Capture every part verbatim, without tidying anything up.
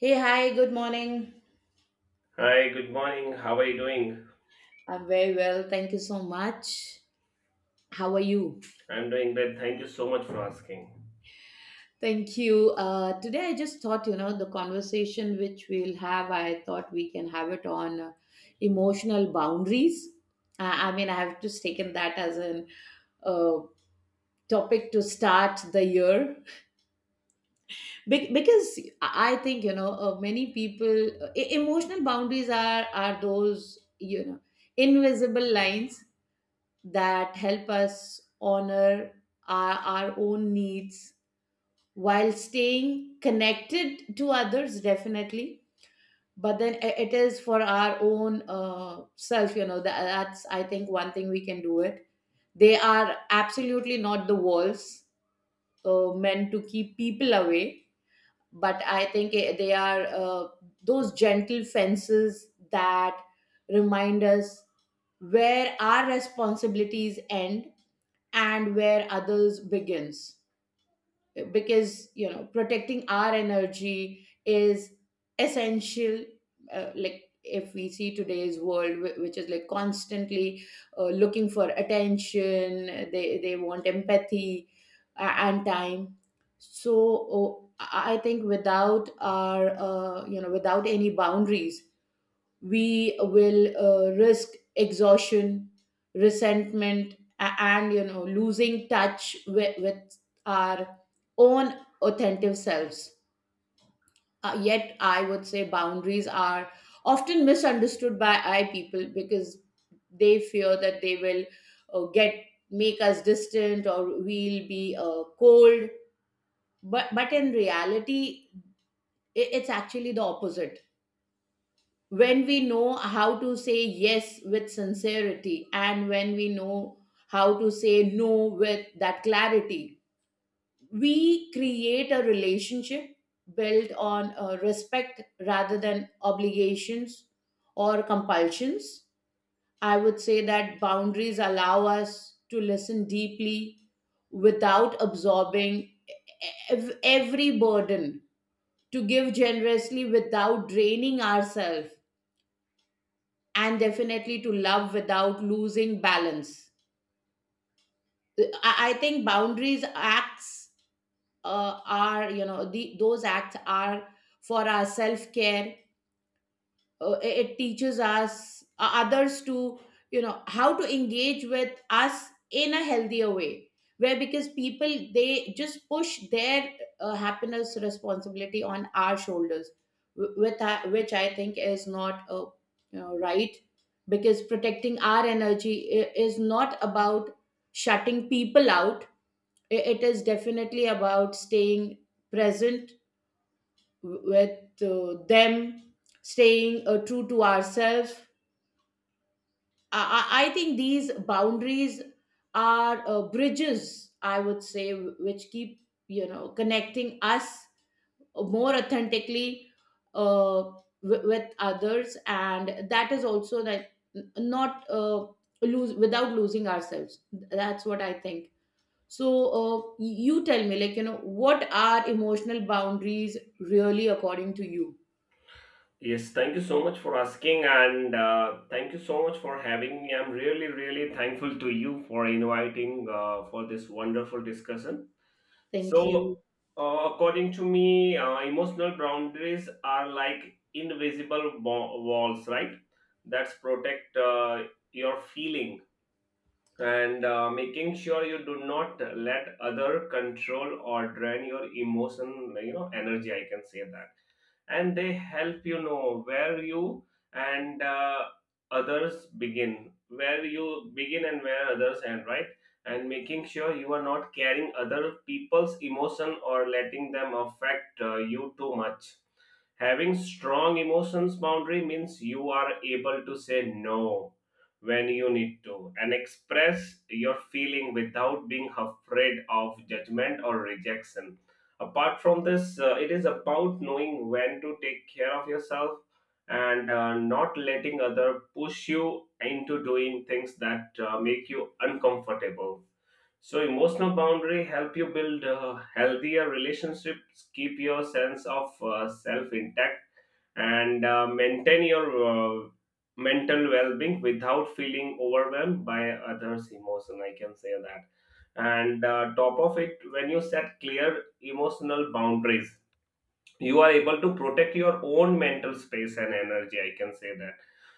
Hey, hi, good morning. Hi, good morning. How are you doing? I'm very well. Thank you so much. How are you? I'm doing great. Thank you so much for asking. Thank you. Uh, today, I just thought, you know, the conversation which we'll have, I thought we can have it on uh, emotional boundaries. I, I mean, I have just taken that as an uh, topic to start the year. Be- because I I think, you know, uh, many people, uh, e- emotional boundaries are, are those, you know, invisible lines that help us honor our, our own needs while staying connected to others, definitely, but then i- it is for our own uh, self, you know, that, that's I think one thing we can do it. They are absolutely not the walls uh, meant to keep people away, but I think eh, they are uh, those gentle fences that remind us where our responsibilities end and where others begins, because you know protecting our energy is essential. Uh, like if we see today's world, wh- which is like constantly uh, looking for attention. They they want empathy, uh, and time. So oh, i I think without our uh, you know without any boundaries, we will uh, risk exhaustion, resentment, a- and you know losing touch with, with our own authentic selves. Uh, yet I would say boundaries are often misunderstood by I people, because they fear that they will uh, get make us distant, or we'll be uh, cold. But but in reality, i- it's actually the opposite. When we know how to say yes with sincerity, and when we know how to say no with that clarity, we create a relationship built on uh, respect rather than obligations or compulsions. I would say that boundaries allow us to listen deeply without absorbing e-, ev- every burden, to give generously without draining ourselves, and definitely to love without losing balance. I, I think boundaries acts uh, are, you know, the, those acts are for our self care. Uh, it it teaches us uh, others to, you know, how to engage with us in a healthier way, where, because people they just push their uh, happiness responsibility on our shoulders, wh- with I- which I think is not uh, you know, right. Because protecting our energy i- is not about shutting people out. I- it is definitely about staying present with uh, them, staying uh, true to ourselves. I, I I think these boundaries are uh, bridges, I would say, which keep, you know, connecting us more authentically uh, w- with others, and that is also that n- not uh, lose without losing ourselves. That's what I think. So uh, y- you tell me, like, you know, what are emotional boundaries really according to you? Yes, thank you so much for asking, and uh, thank you so much for having me. I'm really, really thankful to you for inviting uh, for this wonderful discussion. Thank you. So, uh, According to me, uh, emotional boundaries are like invisible wa- walls, right? That's protect uh, your feeling, and uh, making sure you do not let other control or drain your emotion, you know energy, I can say that. And they help you know where you and uh, others begin, where you begin and where others end, right? And making sure you are not carrying other people's emotion or letting them affect uh, you too much. Having strong emotions boundary means you are able to say no when you need to, and express your feeling without being afraid of judgment or rejection. Apart from this, uh, it is about knowing when to take care of yourself, and uh, not letting other push you into doing things that uh, make you uncomfortable. So emotional boundary help you build uh, healthier relationships, keep your sense of uh, self intact, and uh, maintain your uh, mental well-being without feeling overwhelmed by others' emotion. I can say that. And uh, top of it, when you set clear emotional boundaries, you are able to protect your own mental space and energy, I can say that.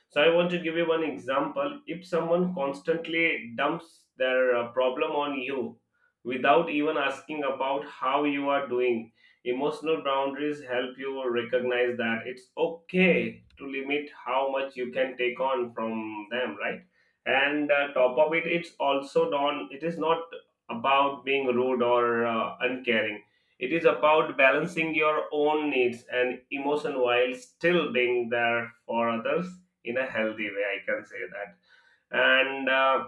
So I want to give you one example. If someone constantly dumps their uh, problem on you without even asking about how you are doing, emotional boundaries help you recognize that it's okay to limit how much you can take on from them, right? And uh, top of it, it's also not it is not about being rude or uh, uncaring. It is about balancing your own needs and emotion while still being there for others in a healthy way. I can say that. And uh,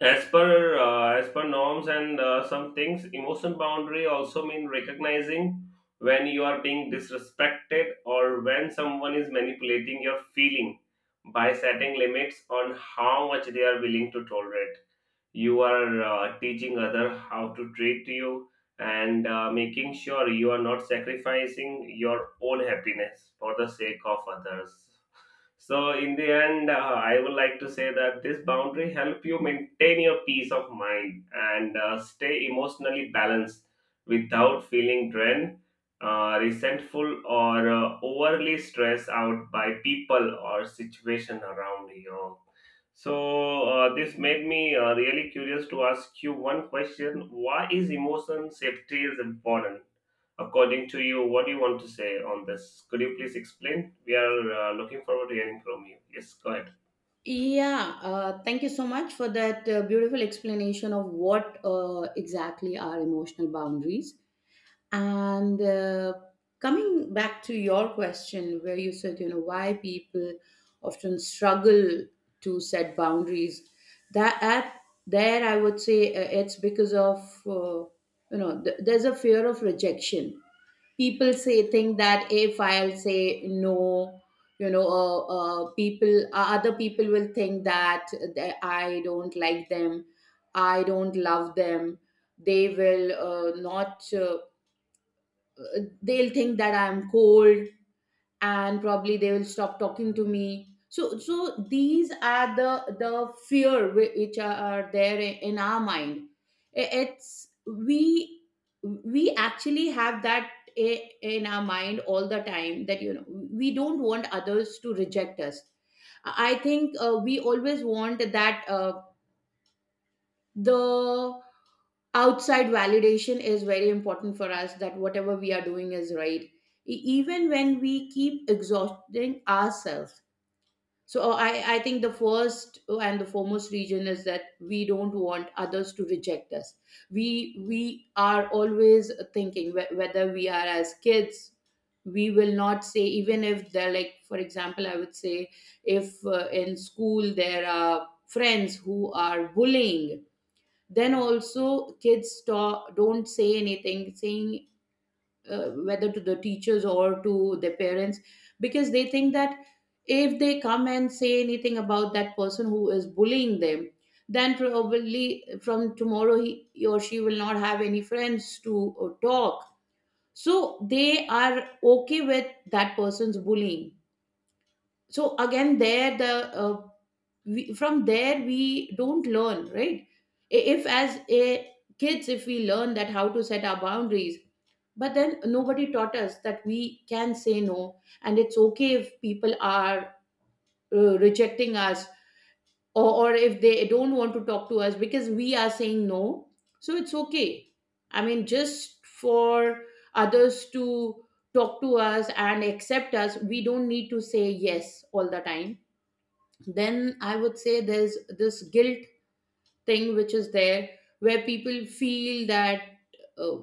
as per uh, as per norms and uh, some things, emotion boundary also mean recognizing when you are being disrespected or when someone is manipulating your feeling. By setting limits on how much they are willing to tolerate, you are uh, teaching other how to treat you, and uh, making sure you are not sacrificing your own happiness for the sake of others. So in the end, uh, I would like to say that this boundary help you maintain your peace of mind and uh, stay emotionally balanced without feeling drained, uh, resentful, or uh, overly stressed out by people or situation around you. So uh, this made me uh, really curious to ask you one question. Why is emotion safety is important? According to you, what do you want to say on this? Could you please explain? We are uh, looking forward to hearing from you. Yes, go ahead. Yeah, uh, thank you so much for that uh, beautiful explanation of what uh, exactly are emotional boundaries. And uh, coming back to your question, where you said, you know, why people often struggle to set boundaries, that at there I would say uh, it's because of, uh, you know, th- there's a fear of rejection. People say think that if I'll say no, you know, uh, uh, people uh, other people will think that th- I don't like them, I don't love them, they will uh, not uh, uh, they'll think that I'm cold, and probably they will stop talking to me. So so these are the the fear whi- which are are there i- in our mind. I- it's we we actually have that i- in our mind all the time, that you know we don't want others to reject us. I think uh, we always want that uh, the outside validation is very important for us, that whatever we are doing is right. E- even when we keep exhausting ourselves. So uh, I, I think the first uh, and the foremost reason is that we don't want others to reject us. We we are always thinking, whe- whether we are as kids, we will not say, even if they're, like for example, I would say, if uh, in school there are friends who are bullying, then also kids talk, don't say anything, saying uh, whether to the teachers or to their parents, because they think that if they come and say anything about that person who is bullying them, then probably from tomorrow he, he or she will not have any friends to uh, talk. So they are okay with that person's bullying. So again there the uh, we, from there we don't learn, right? I- if as a kids if we learn that how to set our boundaries, but then nobody taught us that we can say no, and it's okay if people are uh, rejecting us, or, or if they don't want to talk to us because we are saying no. So it's okay. I mean, just for others to talk to us and accept us, we don't need to say yes all the time. Then I would say there's this guilt thing which is there, where people feel that uh,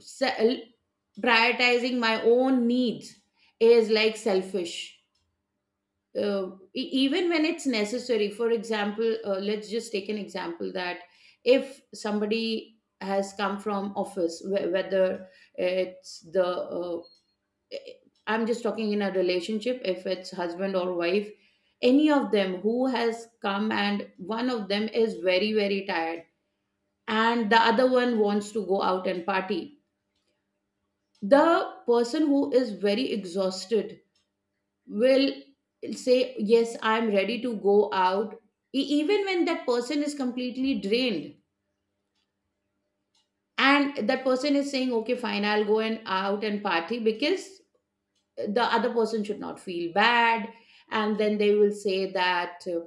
se- prioritizing my own needs is like selfish, uh, e- even when it's necessary. For example, uh, let's just take an example that if somebody has come from office, wh- whether it's the uh, I'm just talking in a relationship, if it's husband or wife, any of them who has come, and one of them is very, very tired, and the other one wants to go out and party. The person who is very exhausted will say, "Yes, I'm ready to go out," E- even when that person is completely drained. And that person is saying, "Okay, fine, I'll go and out and party," because the other person should not feel bad. And then they will say that, uh,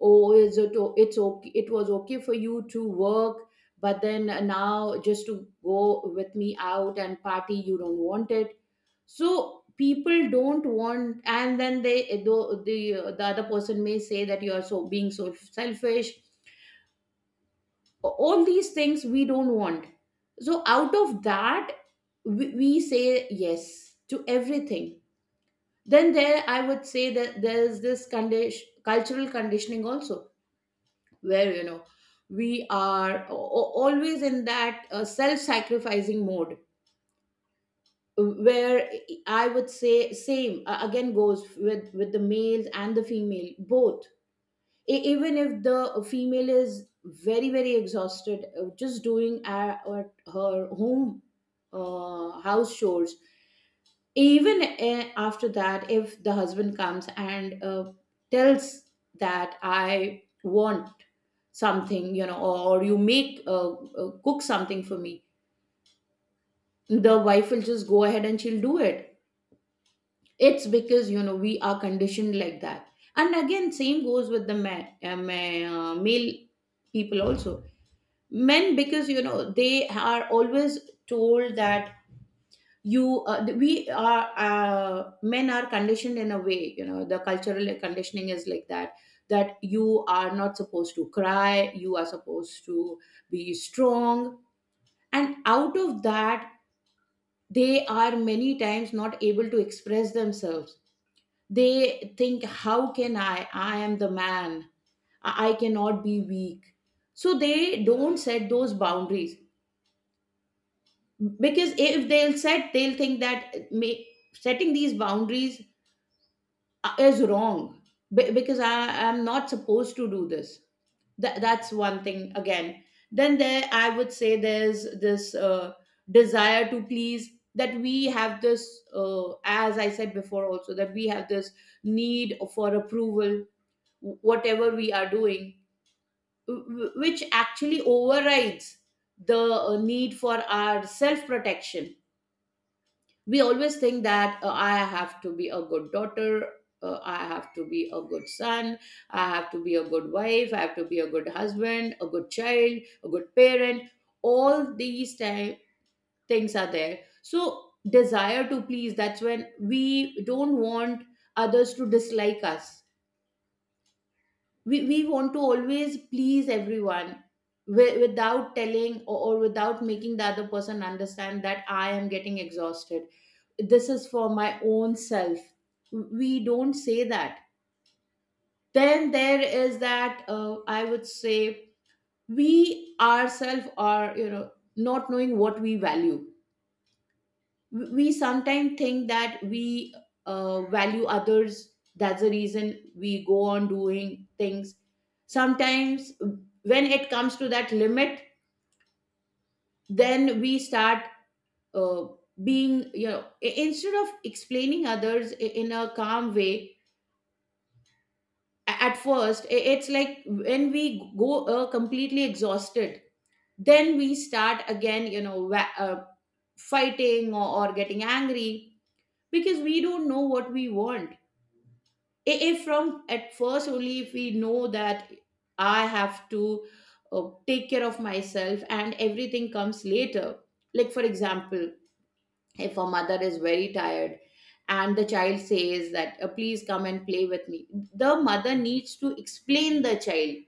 oh, is it o- it's okay, it was okay for you to work, but then uh, now just to go with me out and party you don't want it. So people don't want, and then they the the, uh, the other person may say that you are so being so selfish. All these things we don't want. So out of that, we, we say yes to everything. Then there I would say that there's this condition cultural conditioning also, where you know we are a- a- always in that uh, self-sacrificing mode, where I would say same, uh, again goes with with the males and the female both. E- even if the female is very, very exhausted, uh, just doing at at her home uh, house chores, even eh, after that, if the husband comes and uh, tells that I want something, you know, or, or you make uh, uh, cook something for me, the wife will just go ahead and she'll do it. It's because, you know, we are conditioned like that. And again same goes with the ma uh, ma- uh, male people also, men, because you know they are always told that you uh, th- we are uh, men are conditioned in a way, you know, the cultural conditioning is like that, that you are not supposed to cry, you are supposed to be strong. And out of that, they are many times not able to express themselves. They think, how can i i am the man, i I cannot be weak. So they don't set those boundaries, because if they'll set, they'll think that may, setting these boundaries uh, is wrong, be- because I am not supposed to do this. That that's one thing again. Then there, I would say there's this uh, desire to please, that we have this, uh, as I said before, also that we have this need for approval, wh- whatever we are doing, wh- wh- which actually overrides the uh, need for our self protection. We always think that uh, I have to be a good daughter, uh, I have to be a good son, I have to be a good wife, I have to be a good husband, a good child, a good parent. All these ti- things are there. So desire to please, that's when we don't want others to dislike us. We, we want to always please everyone, wi- without telling, or, or without making the other person understand that I am getting exhausted, this is for my own self. We don't say that. Then there is that uh, I would say we ourselves are, you know, not knowing what we value. We sometimes think that we uh, value others, that's the reason we go on doing things sometimes. When it comes to that limit, then we start uh, being, you know, i- instead of explaining others i- in a calm way at first, i- it's like when we go uh, completely exhausted, then we start again, you know, wa- uh, fighting, or, or getting angry, because we don't know what we want. I- if from at first only, if we know that I have to uh, take care of myself and everything comes later, like for example, if a mother is very tired and the child says that, "Uh, please come and play with me." The mother needs to explain the child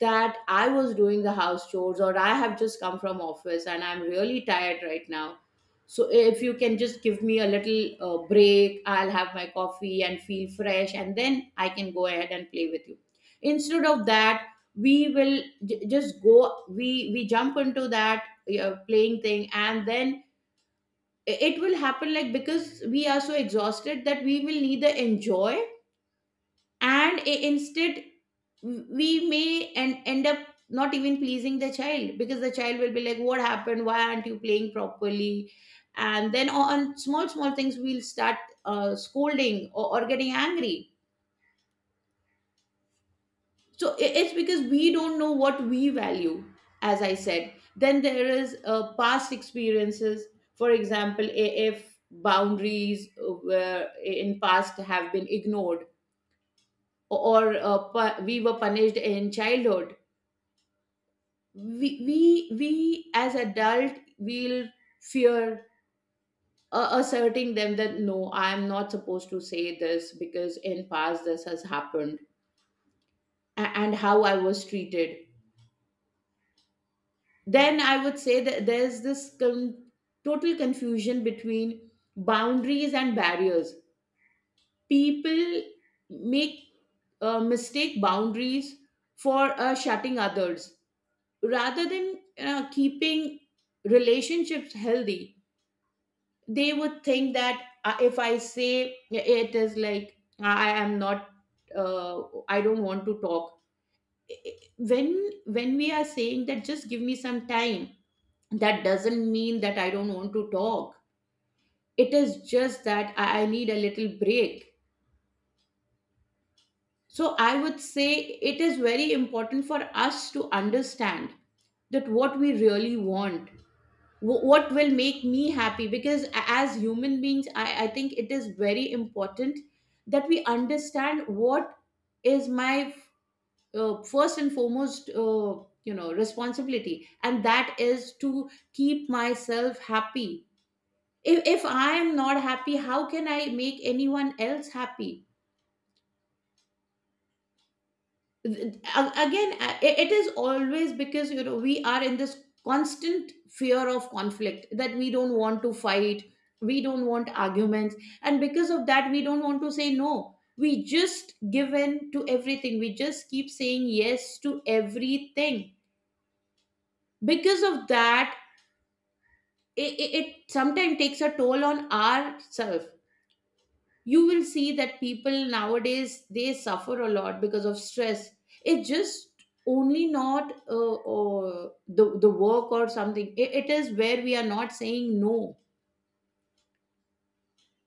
that, "I was doing the house chores or I have just come from office and I'm really tired right now. So if you can just give me a little uh, break, I'll have my coffee and feel fresh and then I can go ahead and play with you." Instead of that, we will j- just go we we jump into that uh, playing thing, and then it will happen like, because we are so exhausted, that we will neither enjoy, and i- instead, we may and end up not even pleasing the child, because the child will be like, what happened, why aren't you playing properly? And then on small small things, we'll start uh, scolding, or, or getting angry. So i- it's because we don't know what we value. As I said, then there is uh, past experiences. For example, i- if boundaries uh, were in past have been ignored, or uh, pu- we were punished in childhood, we we we as adult will fear uh, asserting them, that no, I am not supposed to say this, because in past this has happened a- and how I was treated. Then I would say that there's this con- total confusion between boundaries and barriers. People make uh, mistake boundaries for uh, shutting others rather than uh, keeping relationships healthy. They would think that, uh, if I say, it is like I am not uh, I don't want to talk. When when we are saying that just give me some time, that doesn't mean that I don't want to talk. It is just that i I need a little break. So I would say it is very important for us to understand that what we really want, wh- what will make me happy, because a- as human beings, I, I think it is very important that we understand what is my uh, first and foremost, uh, you know responsibility, and that is to keep myself happy. if, if I am not happy, how can I make anyone else happy? Th- a- again a- i- it is always, because you know, we are in this constant fear of conflict, that we don't want to fight, we don't want arguments. And because of that, we don't want to say no, we just give in to everything, we just keep saying yes to everything. Because of that, it, it, it sometimes takes a toll on ourselves. You will see that people nowadays, they suffer a lot because of stress. It's just only not uh, uh, the the work or something. I- it is where we are not saying no.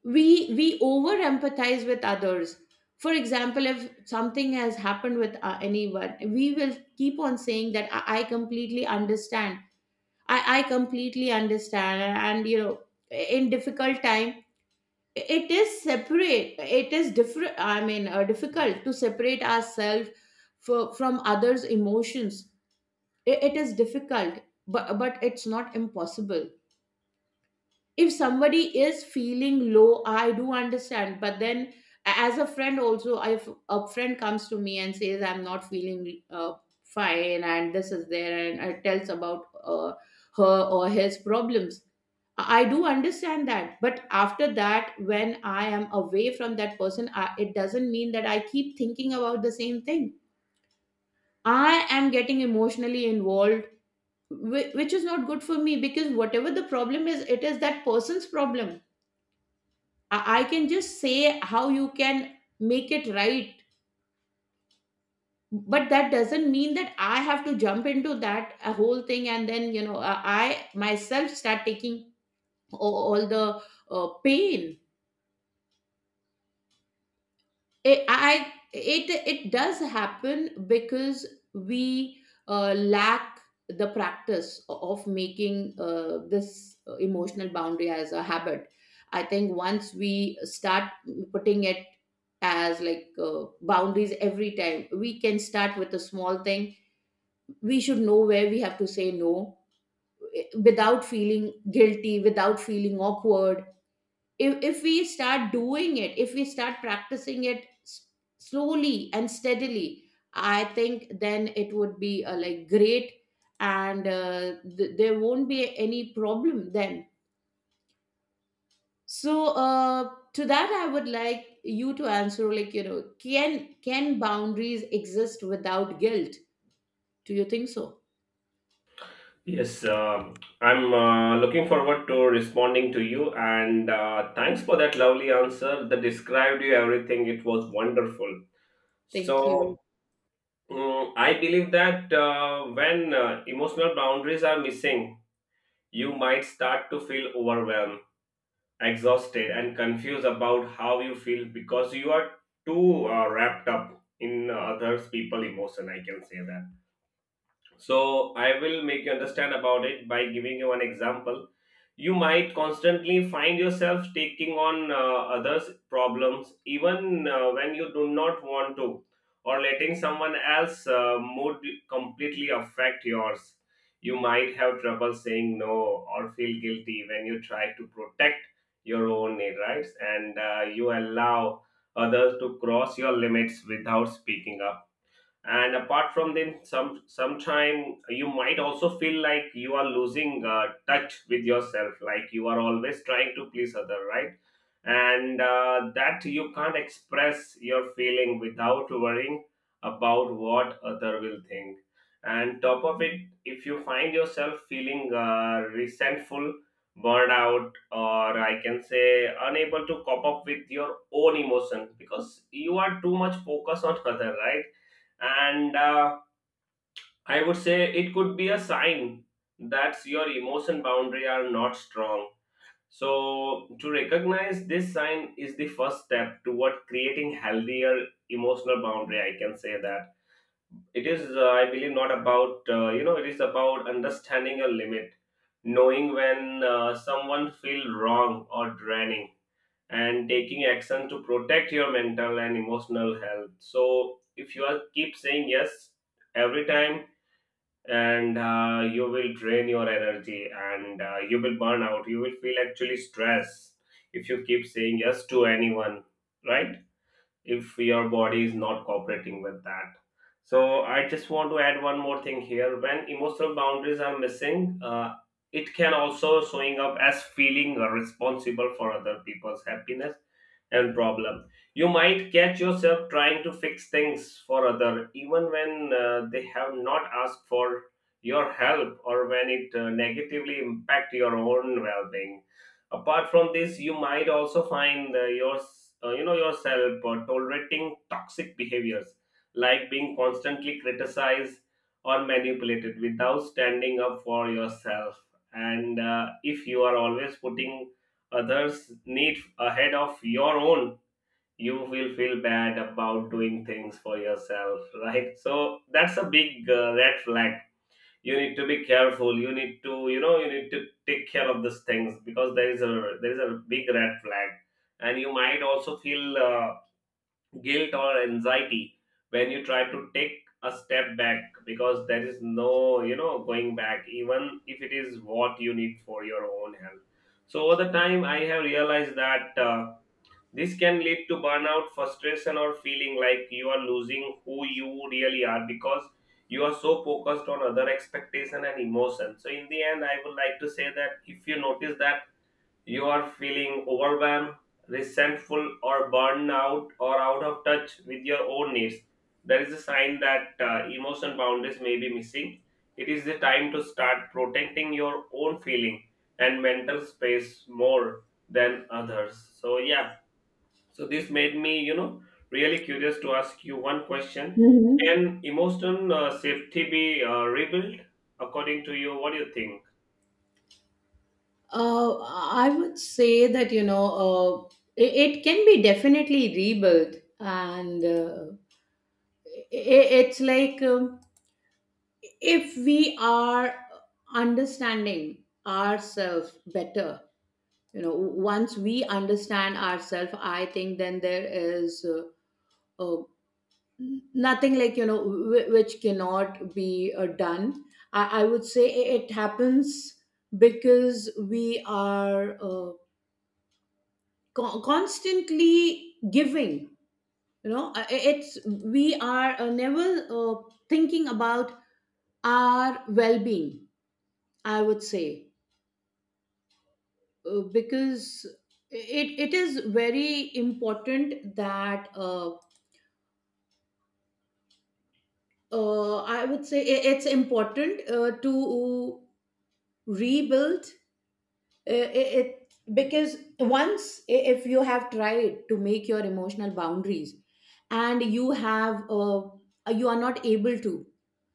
We we over empathize with others. For example, if something has happened with uh, anyone, we will keep on saying that, i, I completely understand, I, I completely understand, and you know in difficult time, it is separate, it is different, I mean, uh, difficult to separate ourselves for, from others' emotions. I- it is difficult, but but it's not impossible. If somebody is feeling low, I do understand, but then, a- as a friend also, if a friend comes to me and says, I'm not feeling uh, fine, and this is there, and uh, tells about uh, her or his problems, I do understand that. But after that, when I am away from that person, I, it doesn't mean that I keep thinking about the same thing, I am getting emotionally involved, whi- which is not good for me, because whatever the problem is, it is that person's problem. I, I can just say how you can make it right, but that doesn't mean that I have to jump into that uh, whole thing, and then, you know, uh, I myself start taking a- all the uh, pain. It, I it it does happen because we uh, lack the practice of making uh, this emotional boundary as a habit. I think once we start putting it as like uh, boundaries, every time we can start with a small thing. We should know where we have to say no, eh, without feeling guilty, without feeling awkward. if, if we start doing it, if we start practicing it, s- slowly and steadily, I think then it would be uh, like great, and uh, th- there won't be any problem then. So uh, to that, I would like you to answer, like you know, can can boundaries exist without guilt? Do you think so? Yes, um, I'm uh, looking forward to responding to you, and uh, thanks for that lovely answer that described you everything. It was wonderful. Thank you. So, mm, I believe that uh, when uh, emotional boundaries are missing, you might start to feel overwhelmed, exhausted, and confused about how you feel, because you are too uh, wrapped up in uh, others people emotion. I can say that. So I will make you understand about it by giving you an example. You might constantly find yourself taking on uh, others' problems, even uh, when you do not want to, or letting someone else's uh, mood completely affect yours. You might have trouble saying no or feel guilty when you try to protect your own rights, and uh, you allow others to cross your limits without speaking up. And apart from them, some sometime you might also feel like you are losing uh, touch with yourself, like you are always trying to please other, right? And uh, that you can't express your feeling without worrying about what other will think. And top of it, if you find yourself feeling uh, resentful, burned out, or I can say unable to cop up with your own emotion because you are too much focused on other, right? And uh, I would say it could be a sign that your emotion boundary are not strong. So to recognize this sign is the first step toward creating healthier emotional boundary, I can say that. It is uh, I believe not about uh, you know it is about understanding your limit, knowing when uh, someone feel wrong or draining, and taking action to protect your mental and emotional health. So if you are keep saying yes every time, and uh, you will drain your energy, and uh, you will burn out, you will feel actually stressed if you keep saying yes to anyone, right? If your body is not cooperating with that. So I just want to add one more thing here. When emotional boundaries are missing, uh, it can also showing up as feeling responsible for other people's happiness and problem. You might catch yourself trying to fix things for other, even when uh, they have not asked for your help, or when it uh, negatively impact your own well-being. Apart from this, you might also find uh, your uh, you know yourself uh, tolerating toxic behaviors, like being constantly criticized or manipulated without standing up for yourself. And uh, if you are always putting others need ahead of your own, you will feel bad about doing things for yourself, right? So that's a big uh, red flag. You need to be careful, you need to, you know you need to take care of these things, because there is a there is a big red flag. And you might also feel uh, guilt or anxiety when you try to take a step back, because there is no, you know going back, even if it is what you need for your own health. So over the time I have realized that uh, this can lead to burnout, frustration, or feeling like you are losing who you really are, because you are so focused on other expectation and emotion. So in the end, I would like to say that if you notice that you are feeling overwhelmed, resentful, or burned out, or out of touch with your own needs, there is a sign that uh, emotion boundaries may be missing. It is the time to start protecting your own feeling and mental space more than others. So yeah, so this made me, you know, really curious to ask you one question. Mhm. Can emotional uh, safety be uh, rebuilt according to you? What do you think? Uh, I would say that, you know, uh, it, it can be definitely rebuilt, and uh, I, it's like um, if we are understanding ourselves better, you know, once we understand ourselves, I think then there is uh, uh, nothing like, you know, w- which cannot be uh, done. I, I would say it happens because we are. Uh, co- constantly giving, you know uh, it's, we are uh, never uh, thinking about our well-being, I would say, uh, because it, it is very important that uh, uh, I would say, i- it's important uh, to rebuild uh, i- it. Because once, i- if you have tried to make your emotional boundaries and you have uh, you are not able to,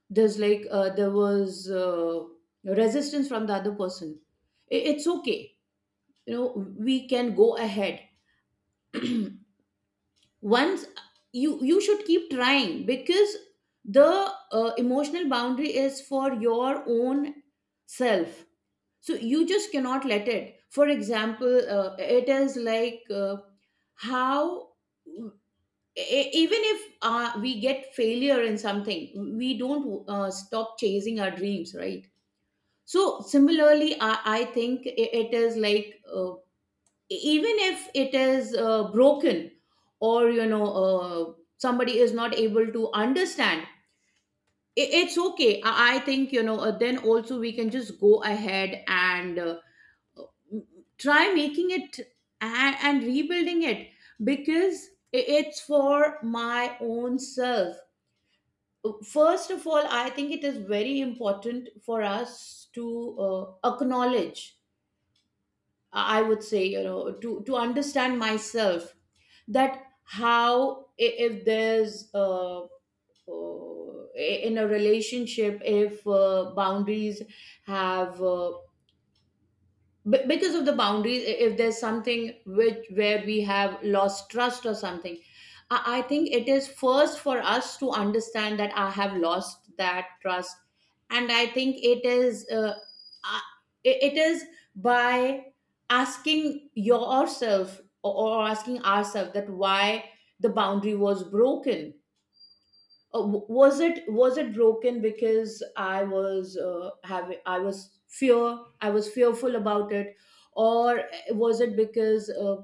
there's like, uh, there was uh, resistance from the other person, I- it's okay, you know, we can go ahead. Once, you you should keep trying, because the uh, emotional boundary is for your own self. So you just cannot let it. For example, uh, it is like, uh, how, e- even if uh, we get failure in something, we don't uh, stop chasing our dreams, right? So similarly, i, I think i- it is like, uh, even if it is uh, broken, or you know, uh, somebody is not able to understand, i- it's okay, i, I think, you know uh, then also we can just go ahead and uh, m- try making it, and, and rebuilding it, because i- it's for my own self. First of all, I think it is very important for us to uh, acknowledge. I would say, you know, to, to understand myself, that how, i- if there's uh, uh, in a relationship, if uh, boundaries have uh, b- because of the boundaries, i- if there's something which, where we have lost trust or something, I, I think it is first for us to understand that I have lost that trust. And I think it is uh, I- it it is by asking yourself, or or asking ourselves that, why the boundary was broken? Uh, w- was it, was it broken because I was uh, having, I was fear, I was fearful about it, or eh, was it because uh,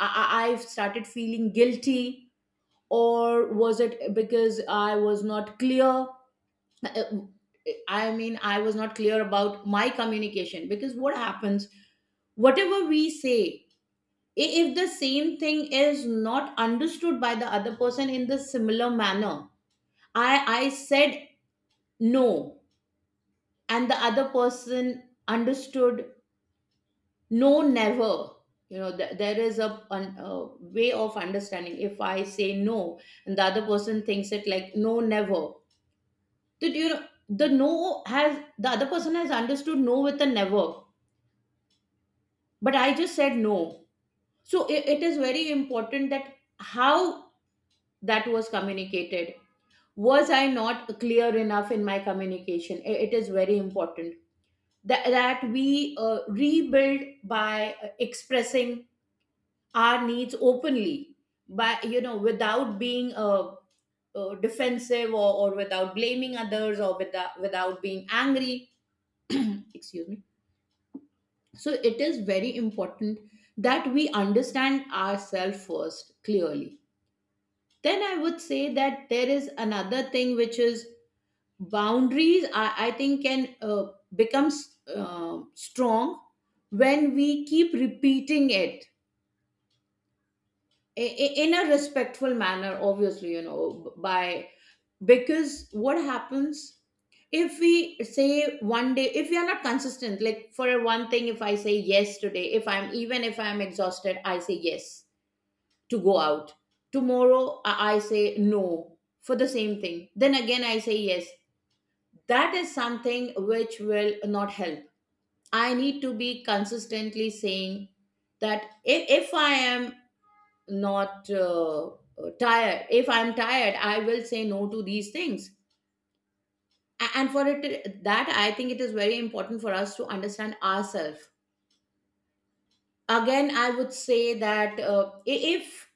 I I I started feeling guilty, or was it because I was not clear? Uh, I mean, I was not clear about my communication. Because what happens, whatever we say, i- if the same thing is not understood by the other person in the similar manner, I I said no, and the other person understood no never. You know, th- there is a, an- a way of understanding. If I say no, and the other person thinks it like no never, did you know, the no has, the other person has understood no with a never, but I just said no. So, it, it is very important that, how that was communicated, was I not clear enough in my communication. I- it is very important that, that we uh, rebuild by uh, expressing our needs openly, by you know, without being uh, uh, defensive, or, or without blaming others, or without, without being angry. Excuse me. So it is very important that we understand ourselves first clearly. Then I would say that there is another thing, which is, boundaries, i, I think, can uh, becomes uh, strong when we keep repeating it, i- i- in a respectful manner, obviously, you know. By Because what happens, if we say one day, if we are not consistent, like for one thing, if I say yes today, if I'm, even if I'm exhausted, I say yes to go out, tomorrow i I say no for the same thing, then again I say yes, that is something which will not help. I need to be consistently saying that, if, if I am not uh, uh, tired, if I'm tired, I will say no to these things. A- and for it, that, I think it is very important for us to understand ourselves. Again, I would say that, uh, i- if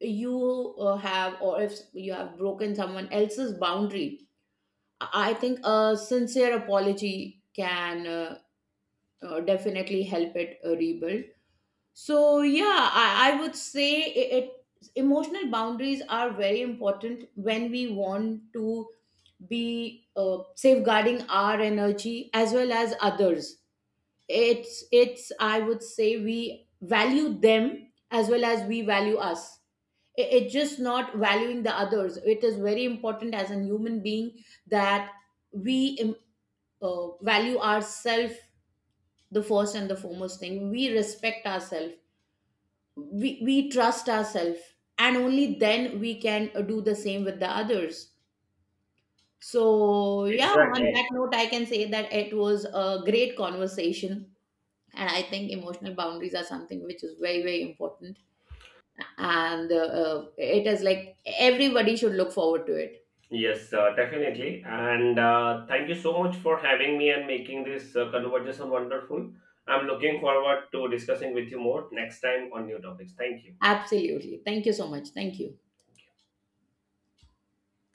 you uh, have, or if you have broken someone else's boundary, i I think a sincere apology can uh, uh, definitely help it uh, rebuild. So yeah, I, I would say, it, it, emotional boundaries are very important when we want to be uh, safeguarding our energy as well as others. It's it's I would say we value them as well as we value us. It, it's just not valuing the others. It is very important as a human being, that we um, uh, value ourselves, the first and the foremost thing. We respect ourselves, we, we trust ourselves, and only then we can uh, do the same with the others. So yeah, on Exactly. that note, I can say that it was a great conversation, and I think emotional boundaries are something which is very very important, and uh, uh, it is like, everybody should look forward to it. Yes, uh, definitely. And uh, thank you so much for having me and making this uh, conversation wonderful. I'm looking forward to discussing with you more next time on new topics. Thank you. Absolutely, thank you so much, thank you.